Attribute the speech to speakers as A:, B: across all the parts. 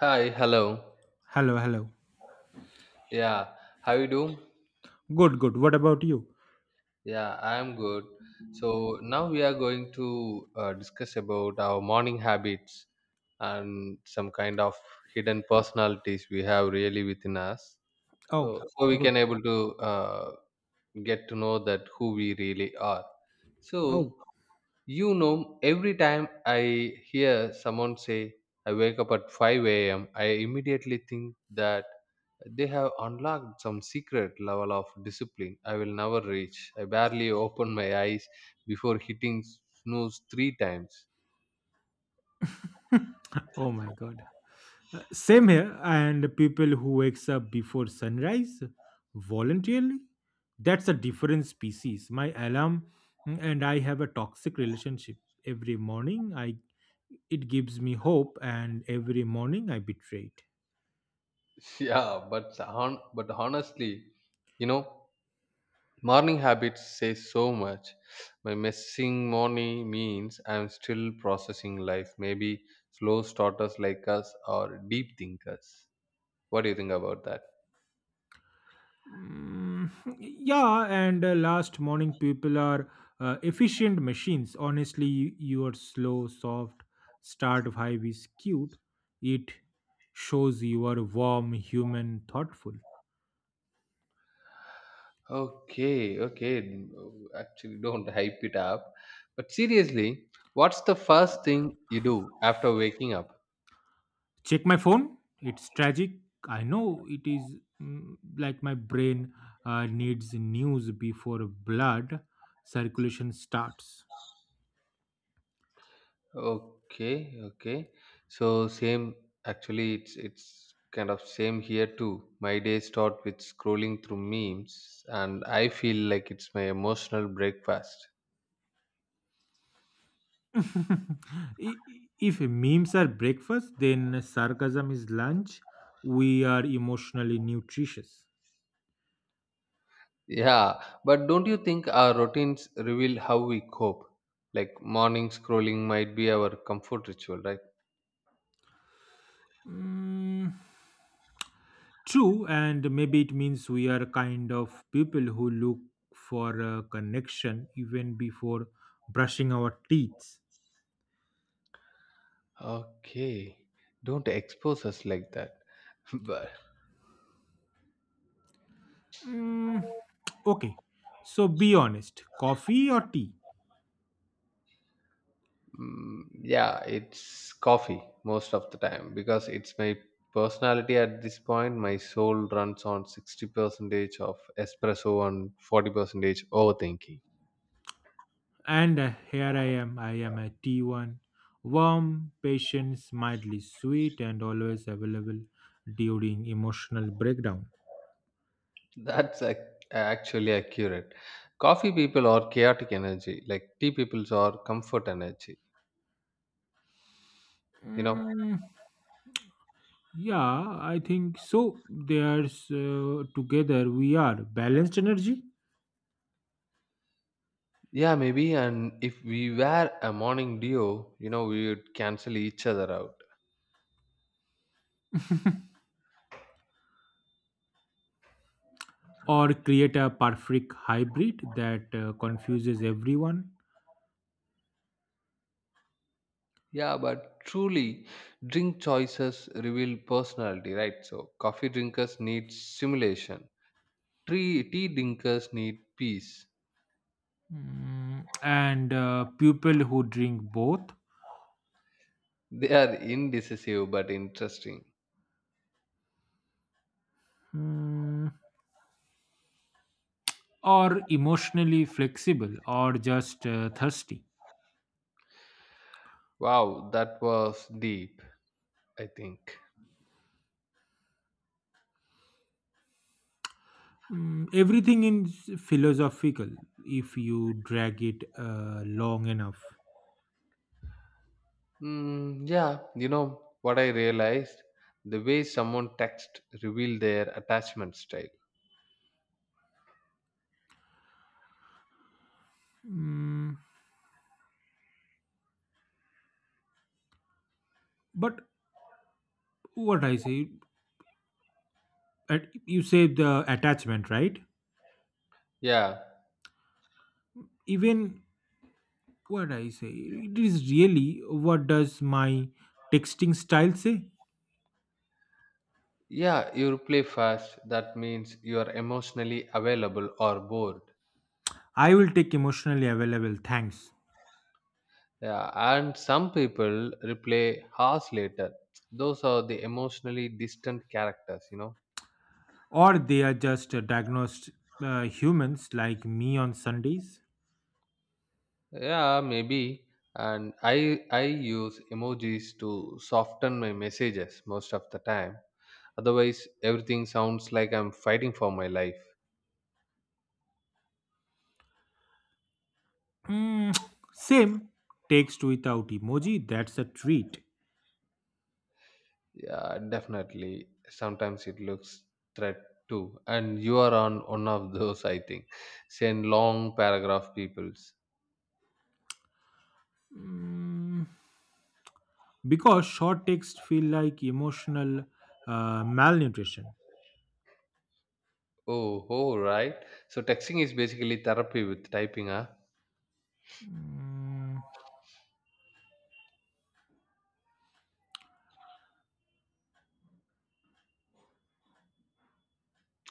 A: Hi, hello.
B: Hello, hello.
A: Yeah, how you do?
B: Good, good. What about you?
A: Yeah, I am good. So now we are going to discuss about our morning habits and some kind of hidden personalities we have really within us.
B: Oh,
A: So we
B: good.
A: can able to get to know that who we really are. So
B: Oh,
A: you know, every time I hear someone say I wake up at 5 a.m., I immediately think that they have unlocked some secret level of discipline I will never reach. I barely open my eyes before hitting snooze 3 times.
B: oh my God. Same here. And people who wakes up before sunrise voluntarily, that's a different species. My alarm and I have a toxic relationship. Every morning, I it gives me hope, and every morning I betray it.
A: Yeah, but honestly, you know, morning habits say so much. My missing morning means I'm still processing life. Maybe slow starters like us or deep thinkers. What do you think about that?
B: Mm, yeah, and last morning people are efficient machines. Honestly, your slow, soft start vibe is cute. It shows you are warm, human, thoughtful.
A: Okay, okay. Actually, don't hype it up. But seriously, what's the first thing you do after waking up?
B: Check my phone. It's tragic. I know it is like my brain needs news before blood circulation starts.
A: Okay, okay. So same. Actually, it's kind of same here too. My day start with scrolling through memes, and I feel like it's my emotional breakfast.
B: If memes are breakfast, then sarcasm is lunch. We are emotionally nutritious.
A: Yeah, but don't you think our routines reveal how we cope? Like morning scrolling might be our comfort ritual, right?
B: Mm, True, and maybe it means we are kind of people who look for a connection even before brushing our teeth.
A: Okay, don't expose us like that. But
B: Mm, okay, so be honest, coffee or tea?
A: mm, yeah, it's coffee most of the time because it's my personality at this point. My soul runs on 60% of espresso and 40% overthinking.
B: And here I am a T1. Warm, patient, mildly sweet, and always available during emotional breakdown.
A: That's actually accurate. Coffee people are chaotic energy, like tea people are comfort energy, you know.
B: Mm, yeah, I think so. There's together we are balanced energy,
A: Yeah, maybe. And if we were a morning duo, you know, we would cancel each other out.
B: or create a perfect hybrid that confuses everyone.
A: Yeah, but truly, drink choices reveal personality, right? So, coffee drinkers need stimulation. Tea drinkers need peace.
B: And people who drink both
A: They are indecisive but interesting.
B: mm, are emotionally flexible, or just thirsty.
A: Wow, that was deep, I think.
B: Everything is philosophical if you drag it long enough.
A: Mm, yeah, you know what I realized? The way someone texts reveal their attachment style.
B: Mm, but what I say, at, you say the attachment, right?
A: Yeah,
B: Even what I say, it is really, what does my texting style say?
A: yeah, you reply fast. That means you are emotionally available or bored.
B: I will take emotionally available, thanks.
A: Yeah, and some people replay hours later. Those are the emotionally distant characters, you know.
B: Or they are just diagnosed humans like me on Sundays.
A: Yeah, maybe. And I use emojis to soften my messages most of the time. Otherwise, everything sounds like I'm fighting for my life.
B: Mm, same, text without emoji, that's a treat.
A: Yeah, definitely. Sometimes it looks threat too. And you are on one of those, I think. Send long paragraph peoples.
B: Mm, because short texts feel like emotional malnutrition.
A: Oh, oh, right. So texting is basically therapy with typing, huh?
B: Mm,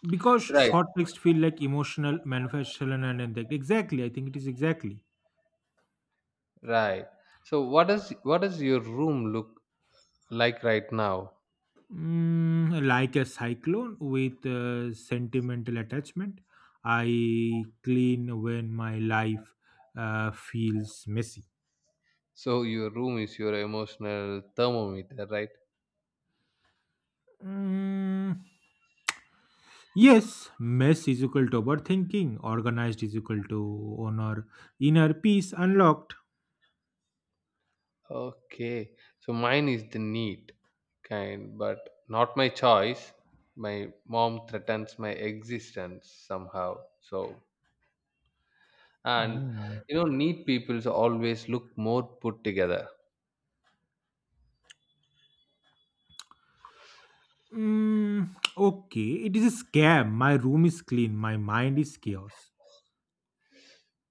B: Because
A: Right,
B: short text feel like emotional manifestation, and exactly, I think it is exactly.
A: right. So what does your room look like right now?
B: Like a cyclone with sentimental attachment. I clean when my life feels messy.
A: So your room is your emotional thermometer, right?
B: Mm, Yes, mess is equal to overthinking. Organized is equal to honor. Inner peace unlocked.
A: Okay. So mine is the neat kind, but not my choice. My mom threatens my existence somehow. So and
B: Mm.
A: you know, neat people always look more put together.
B: Mm, okay, it is a scam. My room is clean, my mind is chaos.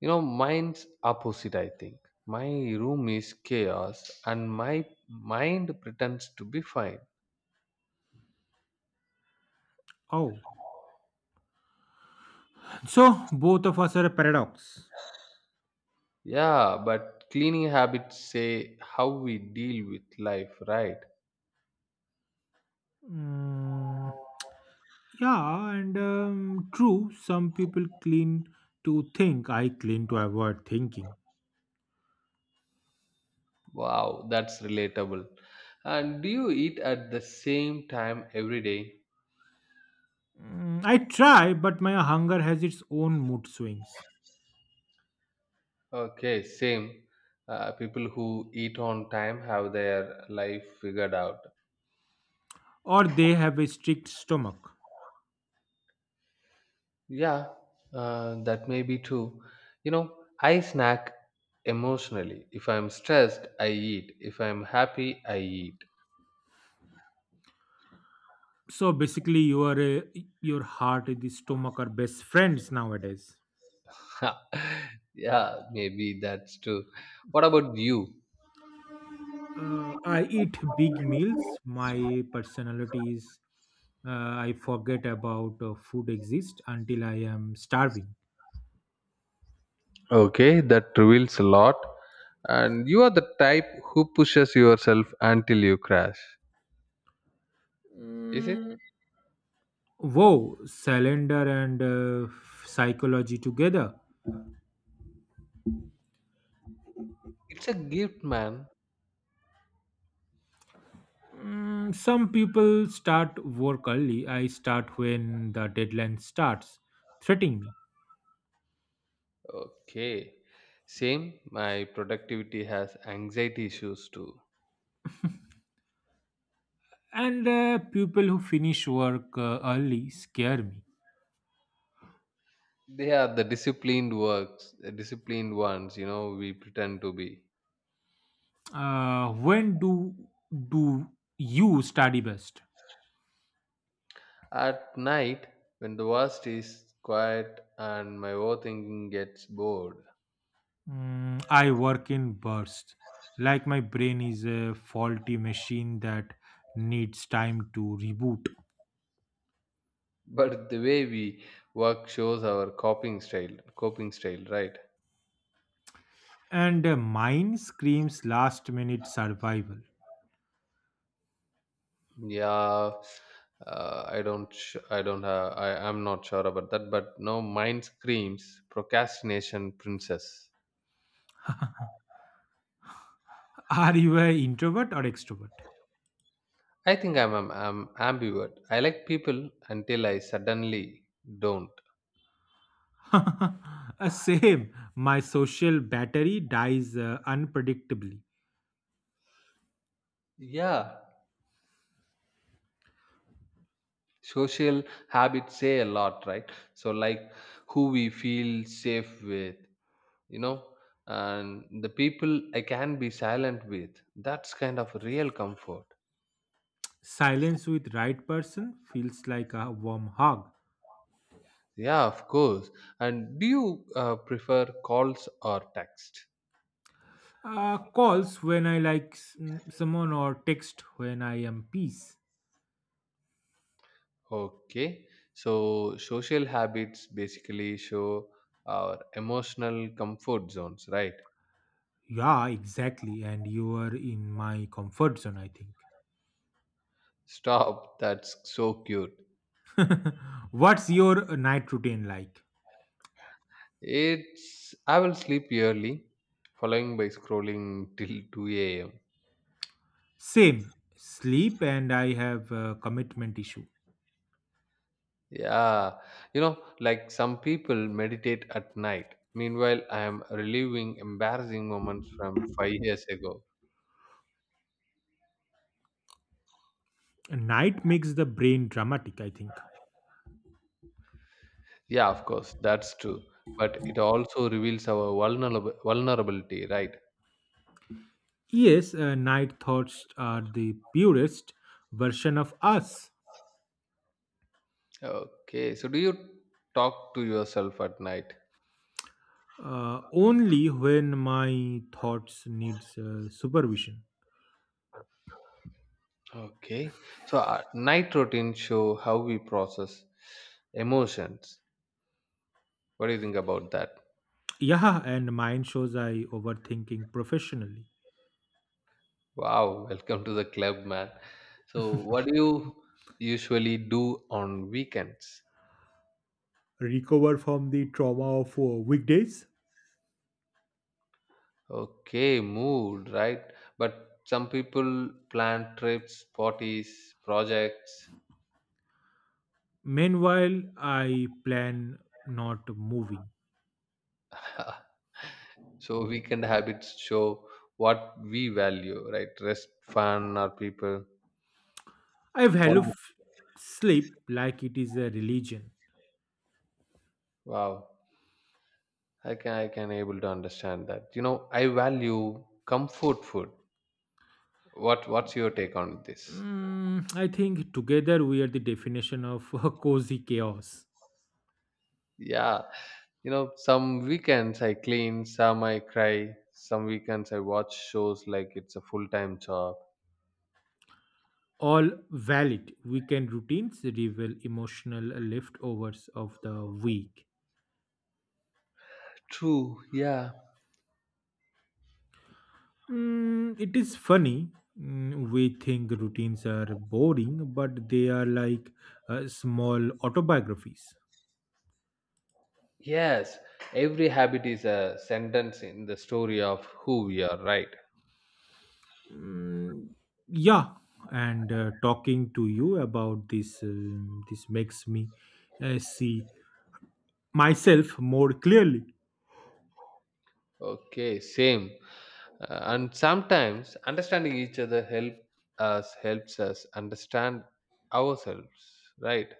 A: You know, mine's opposite, I think. My room is chaos and my mind pretends to be fine.
B: Oh, so both of us are a paradox.
A: Yeah, but cleaning habits say how we deal with life, right?
B: Mm, yeah, and true, some people clean to think, I clean to avoid thinking.
A: Wow, that's relatable. And do you eat at the same time every day?
B: I try, but my hunger has its own mood swings,
A: Okay, same. People who eat on time have their life figured out.
B: or they have a strict stomach.
A: Yeah, that may be true. You know, I snack emotionally. If I'm stressed, I eat. If I'm happy, I eat.
B: So basically, your heart and the stomach are best friends nowadays.
A: Yeah, maybe that's true. What about you?
B: I eat big meals. My personality is, I forget about food exists until I am starving.
A: Okay, that reveals a lot. And you are the type who pushes yourself until you crash. Is it?
B: Mm, Whoa, calendar and psychology together.
A: It's a gift, man.
B: Some people start work early. I start when the deadline starts, threatening me.
A: Okay. Same, my productivity has anxiety issues too.
B: And people who finish work early scare me.
A: They are the disciplined ones, you know, we pretend to be.
B: When do you study best?
A: At night when the worst is quiet and my overthinking gets bored.
B: I work in bursts. Like my brain is a faulty machine that needs time to reboot.
A: But the way we work shows our coping style, right?
B: And mine screams last minute survival.
A: Yeah, I don't sh- I don't have I, am not sure about that, but no, mind screams procrastination princess.
B: Are you an introvert or extrovert?
A: I think I'm ambivert. I like people until I suddenly don't.
B: Same. My social battery dies unpredictably.
A: Yeah. Social habits say a lot, right? So, like who we feel safe with, you know, and the people I can be silent with. That's kind of real comfort.
B: Silence with right person feels like a warm hug.
A: Yeah, of course. And do you prefer calls or text?
B: Calls when I like someone, or text when I am peace.
A: Okay. So, social habits basically show our emotional comfort zones, right?
B: Yeah, exactly. And you are in my comfort zone, I think.
A: Stop. That's so cute.
B: What's your night routine like?
A: It's I will sleep early, following by scrolling till 2 a.m.
B: Same. Sleep, and I have a commitment issue.
A: Yeah, you know, like some people meditate at night. Meanwhile, I am reliving embarrassing moments from 5 years ago.
B: Night makes the brain dramatic, I think.
A: Yeah, of course, that's true. But it also reveals our vulnerable vulnerability, right?
B: Yes, night thoughts are the purest version of us.
A: Okay, so do you talk to yourself at night?
B: Only when my thoughts needs supervision.
A: Okay, so night routines show how we process emotions. What do you think about that?
B: Yeah, and mine shows I overthinking professionally.
A: Wow, welcome to the club, man. So, what do you usually do on weekends?
B: Recover from the trauma of weekdays.
A: Okay, mood, right? But some people plan trips, parties, projects.
B: Meanwhile, I plan not moving.
A: So, weekend habits show what we value, right? Rest, fun, or people.
B: I value
A: What-
B: sleep like it is a religion.
A: Wow, I can able to understand that. You know, I value comfort food. What's your take on this?
B: I think together we are the definition of a cozy chaos.
A: Yeah, you know, some weekends I clean, some I cry, some weekends I watch shows like it's a full-time job.
B: All valid weekend routines reveal emotional leftovers of the week.
A: True, yeah.
B: It is funny. We think routines are boring, but they are like small autobiographies.
A: Yes, every habit is a sentence in the story of who we are, right?
B: Yeah, and talking to you about this this makes me see myself more clearly.
A: Okay, same. And sometimes understanding each other helps us understand ourselves, right?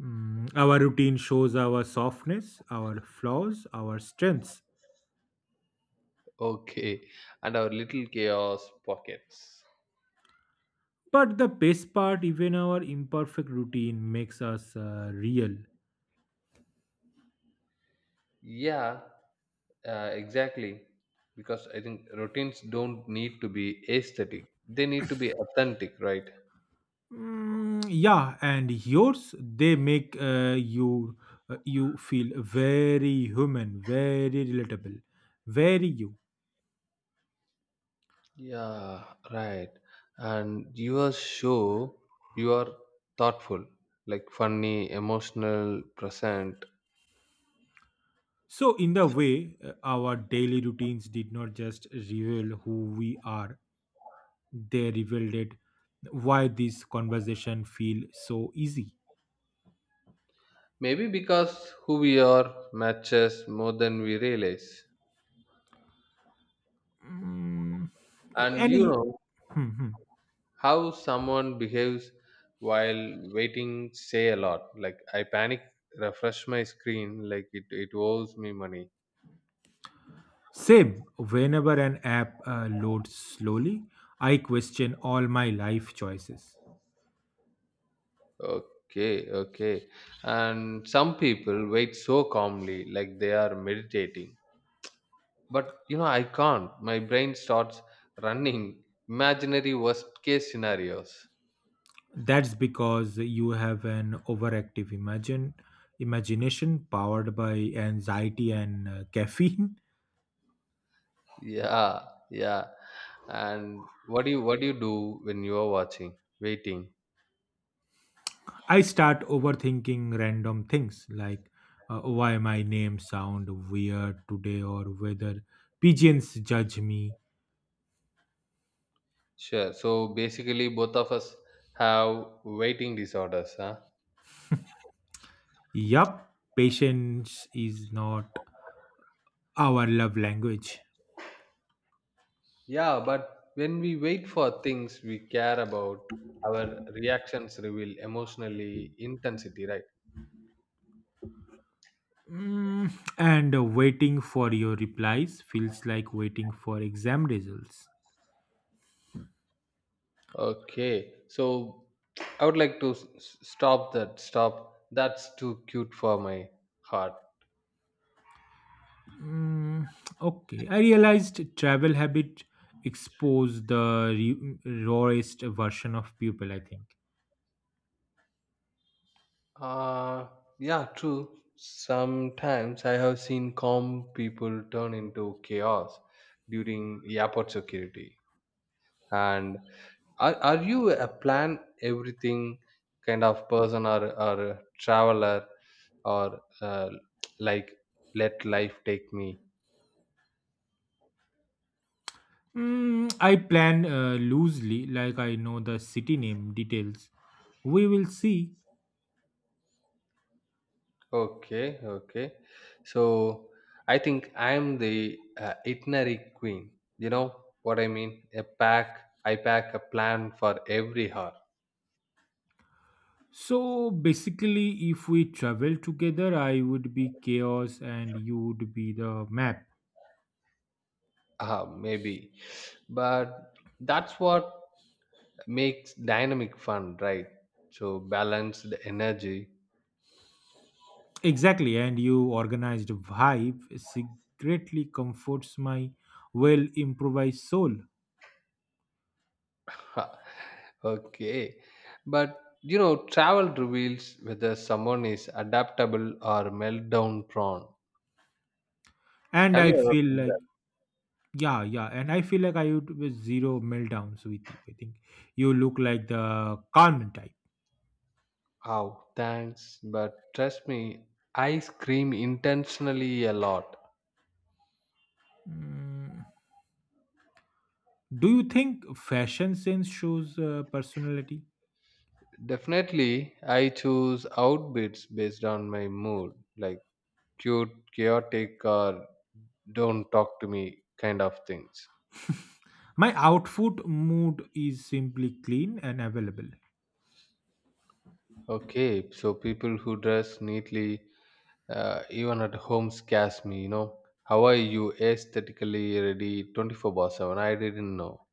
B: Our routine shows our softness, our flaws, our strengths,
A: Okay, and our little chaos pockets.
B: but the best part, even our imperfect routine makes us real.
A: Yeah. Exactly, because I think routines don't need to be aesthetic; they need to be authentic, right?
B: Yeah, and yours, they make you you feel very human, very relatable, very you.
A: Yeah, right. And your show, you are thoughtful, like funny, emotional, present.
B: So, in the way, our daily routines did not just reveal who we are, they revealed it, why this conversation feel so easy.
A: Maybe because who we are matches more than we realize.
B: Mm,
A: And you
B: any
A: know
B: hmm.
A: how someone behaves while waiting say a lot. Like I panic, refresh my screen, like it owes me money.
B: Same, whenever an app loads slowly, I question all my life choices.
A: Okay, okay. And some people wait so calmly, like they are meditating. But you know, I can't. My brain starts running imaginary worst case scenarios.
B: That's because you have an overactive imagine imagination powered by anxiety and caffeine.
A: Yeah, yeah. And what do you do when you are waiting?
B: I start overthinking random things like why my name sound weird today, or whether pigeons judge me.
A: Sure. So basically, both of us have waiting disorders, huh?
B: Yup, patience is not our love language.
A: Yeah, but when we wait for things we care about, our reactions reveal emotionally intensity, right?
B: And waiting for your replies feels like waiting for exam results.
A: Okay, so I would like to stop that. Stop. That's too cute for my heart.
B: Mm, okay, I realized travel habit expose the rawest version of people, I think.
A: Uh, yeah, true. Sometimes I have seen calm people turn into chaos during airport security. And are you a plan everything kind of person or a traveler or like let life take me?
B: I plan loosely, like I know the city name details. We will see.
A: Okay, okay. So I think I'm the itinerary queen. You know what I mean? I pack a plan for every hour.
B: So basically, if we travel together, I would be chaos and you would be the map.
A: Maybe. But that's what makes dynamic fun, right? So balance the energy.
B: Exactly, and you organized vibe secretly comforts my well improvised soul.
A: Okay. But you know, travel reveals whether someone is adaptable or meltdown prone.
B: And
A: Have
B: I
A: you
B: feel
A: ever
B: like, yeah, yeah, and I feel like I would be zero meltdowns with you. I think you look like the calm type.
A: Oh, thanks. But trust me, I scream intentionally a lot.
B: Mm. Do you think fashion sense shows personality?
A: Definitely, I choose outfits based on my mood, like cute, chaotic, or don't talk to me kind of things.
B: My outfit mood is simply clean and available.
A: Okay, so people who dress neatly, even at home, scares me, you know. How are you aesthetically ready 24 by 7? I didn't know.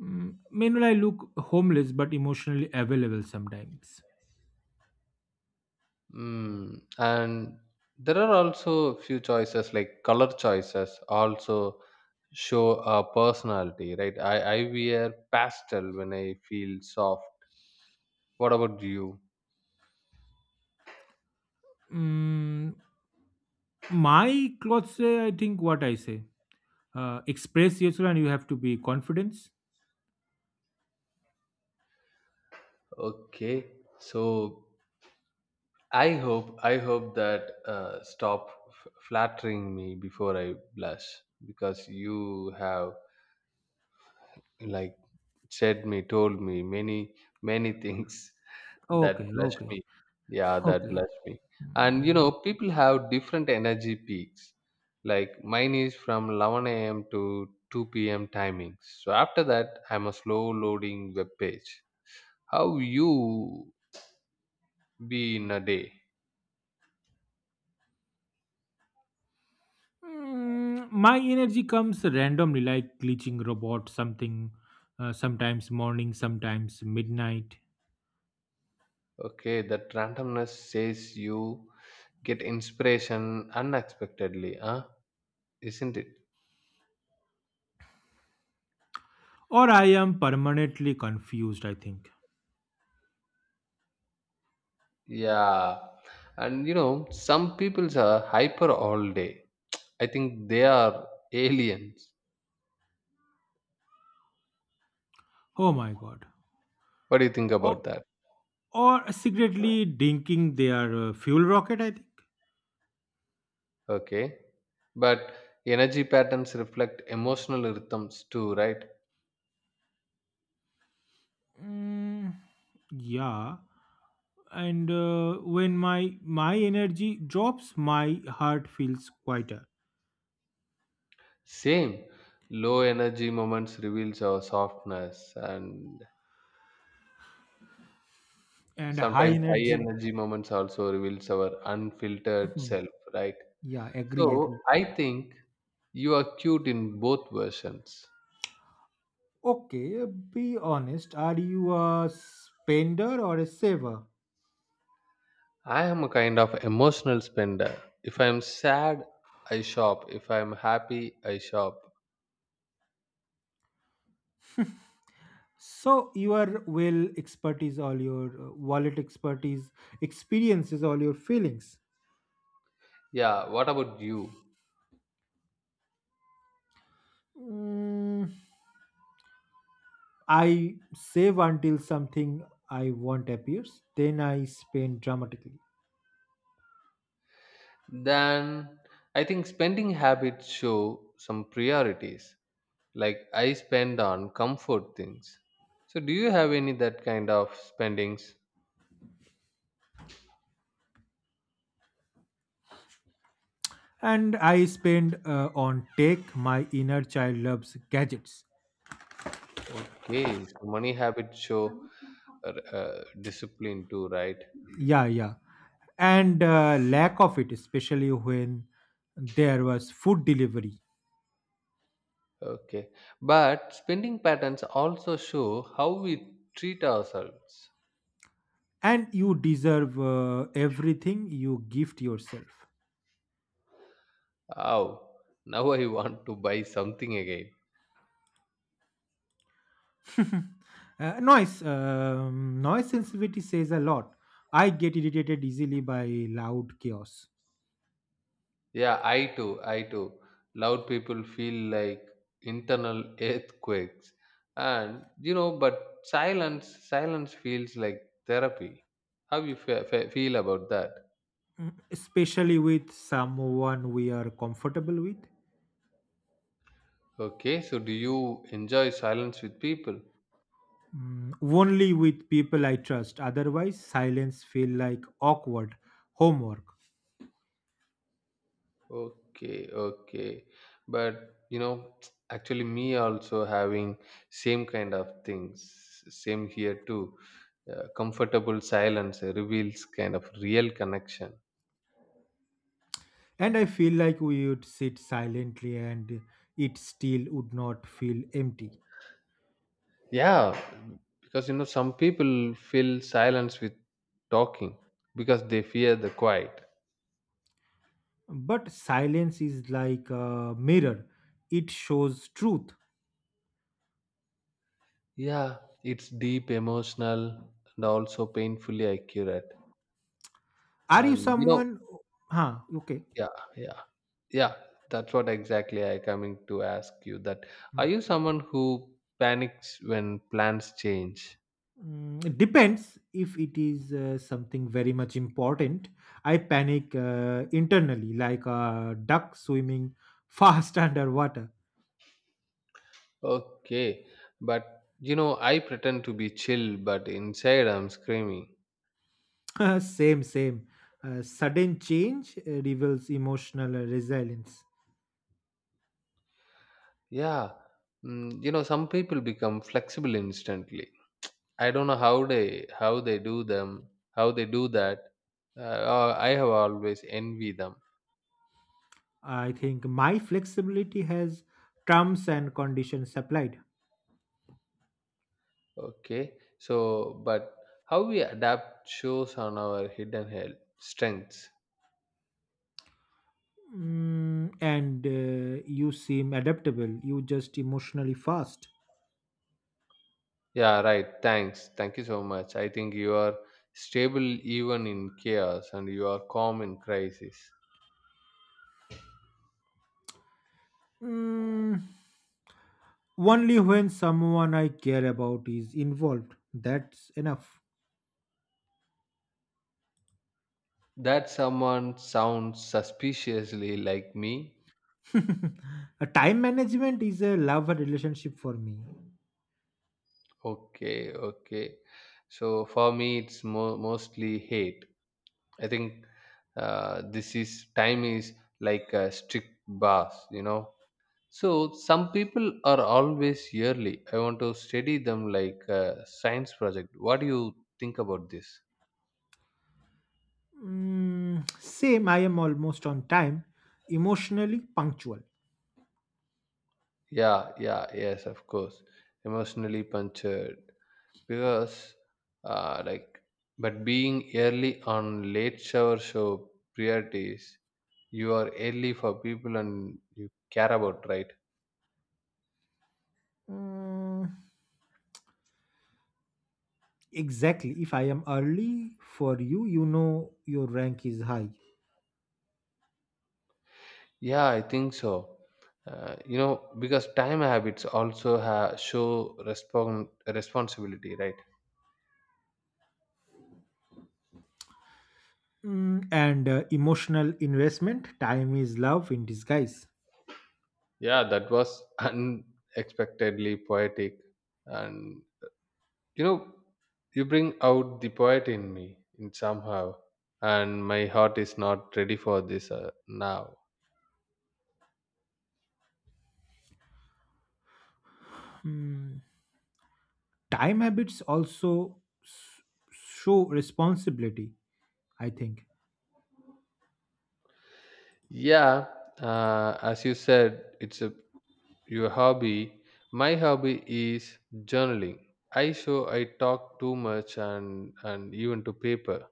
B: Meanwhile, I look homeless but emotionally available sometimes.
A: Mm, and there are also few choices like color choices also show a personality, right? I wear pastel when I feel soft. What about you?
B: Mm, my clothes say, I think, what I say. Express yourself and you have to be confidence.
A: Okay, so I hope that stop flattering me before I blush because you have like told me many things that
B: Okay,
A: blessed
B: okay,
A: me. Yeah, that
B: okay.
A: blessed me. And you
B: Mm,
A: know, people have different energy peaks. Like mine is from 11 a.m. to 2 p.m. timings. So after that, I'm a slow loading web page. How you be in a day?
B: my energy comes randomly, like glitching robot, something, sometimes morning, sometimes midnight.
A: Okay, that randomness says you get inspiration unexpectedly, huh? Isn't it?
B: Or I am permanently confused, I think.
A: Yeah, and you know, some peoples are hyper all day. I think they are aliens.
B: Oh my god.
A: What do you think
B: Or,
A: about that?
B: or secretly drinking their fuel rocket, I think.
A: Okay, but energy patterns reflect emotional rhythms too, right?
B: Mm, yeah. And when my energy drops, my heart feels quieter
A: Same. Low energy moments reveals our softness, and
B: and high
A: sometimes high
B: energy.
A: energy moments also reveals our unfiltered
B: Mhm.
A: self, right?
B: Yeah, agree, agree.
A: So I think you are cute in both versions.
B: Okay, be honest. Are you a spender or a saver?
A: I am a kind of emotional spender. If I'm sad, I shop. If I'm happy, I shop.
B: So your will expertise, all your wallet expertise, experiences, all your feelings.
A: Yeah, what about you?
B: Mm, I save until something I want appears. Then I spend dramatically,
A: Then I think spending habits show some priorities. Like I spend on comfort things. So do you have any that kind of spendings?
B: and I spend on tech. My inner child loves gadgets.
A: Okay, so money habits show discipline too, right?
B: Yeah, yeah, and lack of it, especially when there was food delivery,
A: Okay. But spending patterns also show how we treat ourselves.
B: and you deserve everything you gift yourself.
A: Oh, now I want to buy something again.
B: Noise. Noise sensitivity says a lot. I get irritated easily by loud chaos,
A: Yeah, I too. Loud people feel like internal earthquakes. And, you know, but silence feels like therapy. How you feel about that?
B: especially with someone we are comfortable with.
A: Okay, so do you enjoy silence with people?
B: Only with people I trust. Otherwise, silence feel like awkward homework.
A: Okay, okay. But you know, actually me also having same kind of things, same here too. Comfortable silence reveals kind of real connection.
B: And I feel like we would sit silently and it still would not feel empty.
A: Yeah, because you know some people fill silence with talking because they fear the quiet.
B: But silence is like a mirror. It shows truth.
A: Yeah, it's deep, emotional, and also painfully accurate.
B: Are you
A: And you know,
B: someone? Huh, okay.
A: yeah, yeah, yeah, that's what exactly I coming to ask you. That are you someone who panics when plans change?
B: It depends, if it is something very much important. I panic internally like a duck swimming fast underwater.
A: Okay, but you know I pretend to be chill, but inside I'm screaming.
B: same, same. Sudden change reveals emotional resilience.
A: Yeah, mm, you know some people become flexible instantly. I don't know how they do that. I have always envy them.
B: I think my flexibility has terms and conditions applied.
A: Okay. So, but how we adapt shows on our hidden health strengths.
B: And you seem adaptable, you just emotionally fast.
A: Yeah, right. Thanks. Thank you so much. I think you are stable even in chaos and you are calm in crisis.
B: Mm. Only when someone I care about is involved. That's enough.
A: That someone sounds suspiciously like me.
B: A time management is a love relationship for me.
A: Okay, okay. So for me, it's mostly hate. I think this is time is like a strict boss, you know. So some people are always yearly. I want to study them like a science project. What do you think about this?
B: Same, I am almost on time, emotionally punctual.
A: Yeah, yeah, yes, of course. Emotionally punctured because, like, but being early on late shower show priorities, you are early for people and you care about, right?
B: Mm, exactly. If I am early for you, you know your rank is high.
A: Yeah, I think so. You know, because time habits also show responsibility, right?
B: And emotional investment, time is love in disguise.
A: Yeah, that was unexpectedly poetic. And you know, you bring out the poet in me in somehow, and my heart is not ready for this now.
B: Mm, Time habits also s- show responsibility, I think.
A: Yeah, as you said, it's a your hobby. My hobby is journaling. I talk too much and even to paper.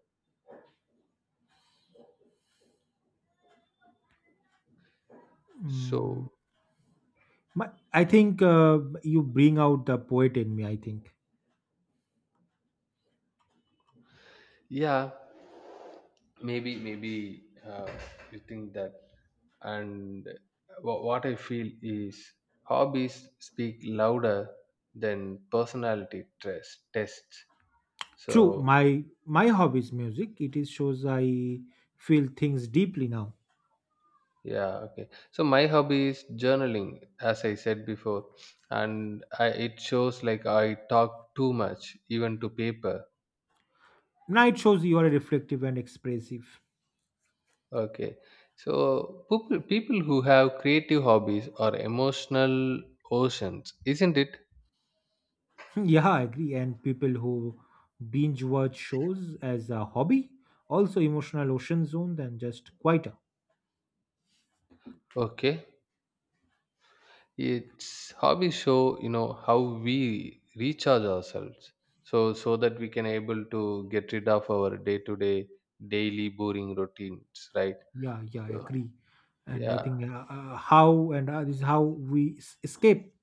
A: So
B: My, I think you bring out the poet in me, I think.
A: yeah, maybe, you think that, and what I feel is hobbies speak louder than personality test tests. So
B: True, my hobby is music. It is shows I feel things deeply now.
A: yeah, okay, so my hobby is journaling, as I said before, and it shows like I talk too much even to paper.
B: Now it shows you are reflective and expressive.
A: Okay, so people who have creative hobbies are emotional oceans, isn't it?
B: Yeah, I agree. And people who binge watch shows as a hobby, also emotional ocean zone than just quieter.
A: Okay, it's hobbies show, you know, how we recharge ourselves, so that we can able to get rid of our day to day daily boring routines, right?
B: Yeah, yeah, I
A: So
B: agree. And I
A: yeah,
B: think how and this is how we escape.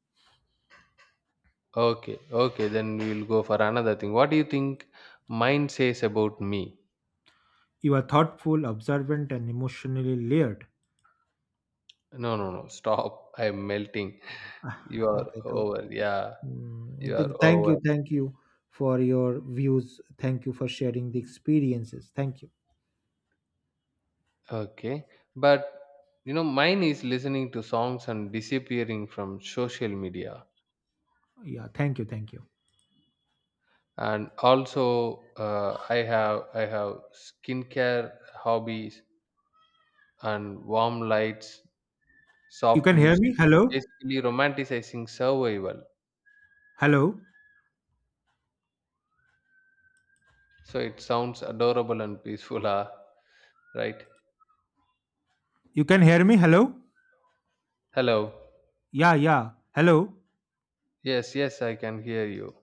A: okay, okay. Then we'll go for another thing. What do you think Mind says about me?
B: You are thoughtful, observant, and emotionally layered.
A: No, no, no. Stop. I'm melting. You are
B: Okay, so
A: over. Yeah,
B: I
A: you are
B: think
A: over.
B: thank you for your views. Thank you for sharing the experiences. Thank you.
A: Okay, but you know mine is listening to songs and disappearing from social media,
B: Yeah, thank you, thank you.
A: and also I have skincare hobbies and warm lights,
B: You
A: soft
B: can hear
A: music,
B: me? Hello?
A: basically romanticizing survival,
B: Hello?
A: so it sounds adorable and peaceful. Ah, right.
B: You can hear me? Hello?
A: Hello.
B: Yeah, yeah. Hello?
A: Yes, yes, I can hear you.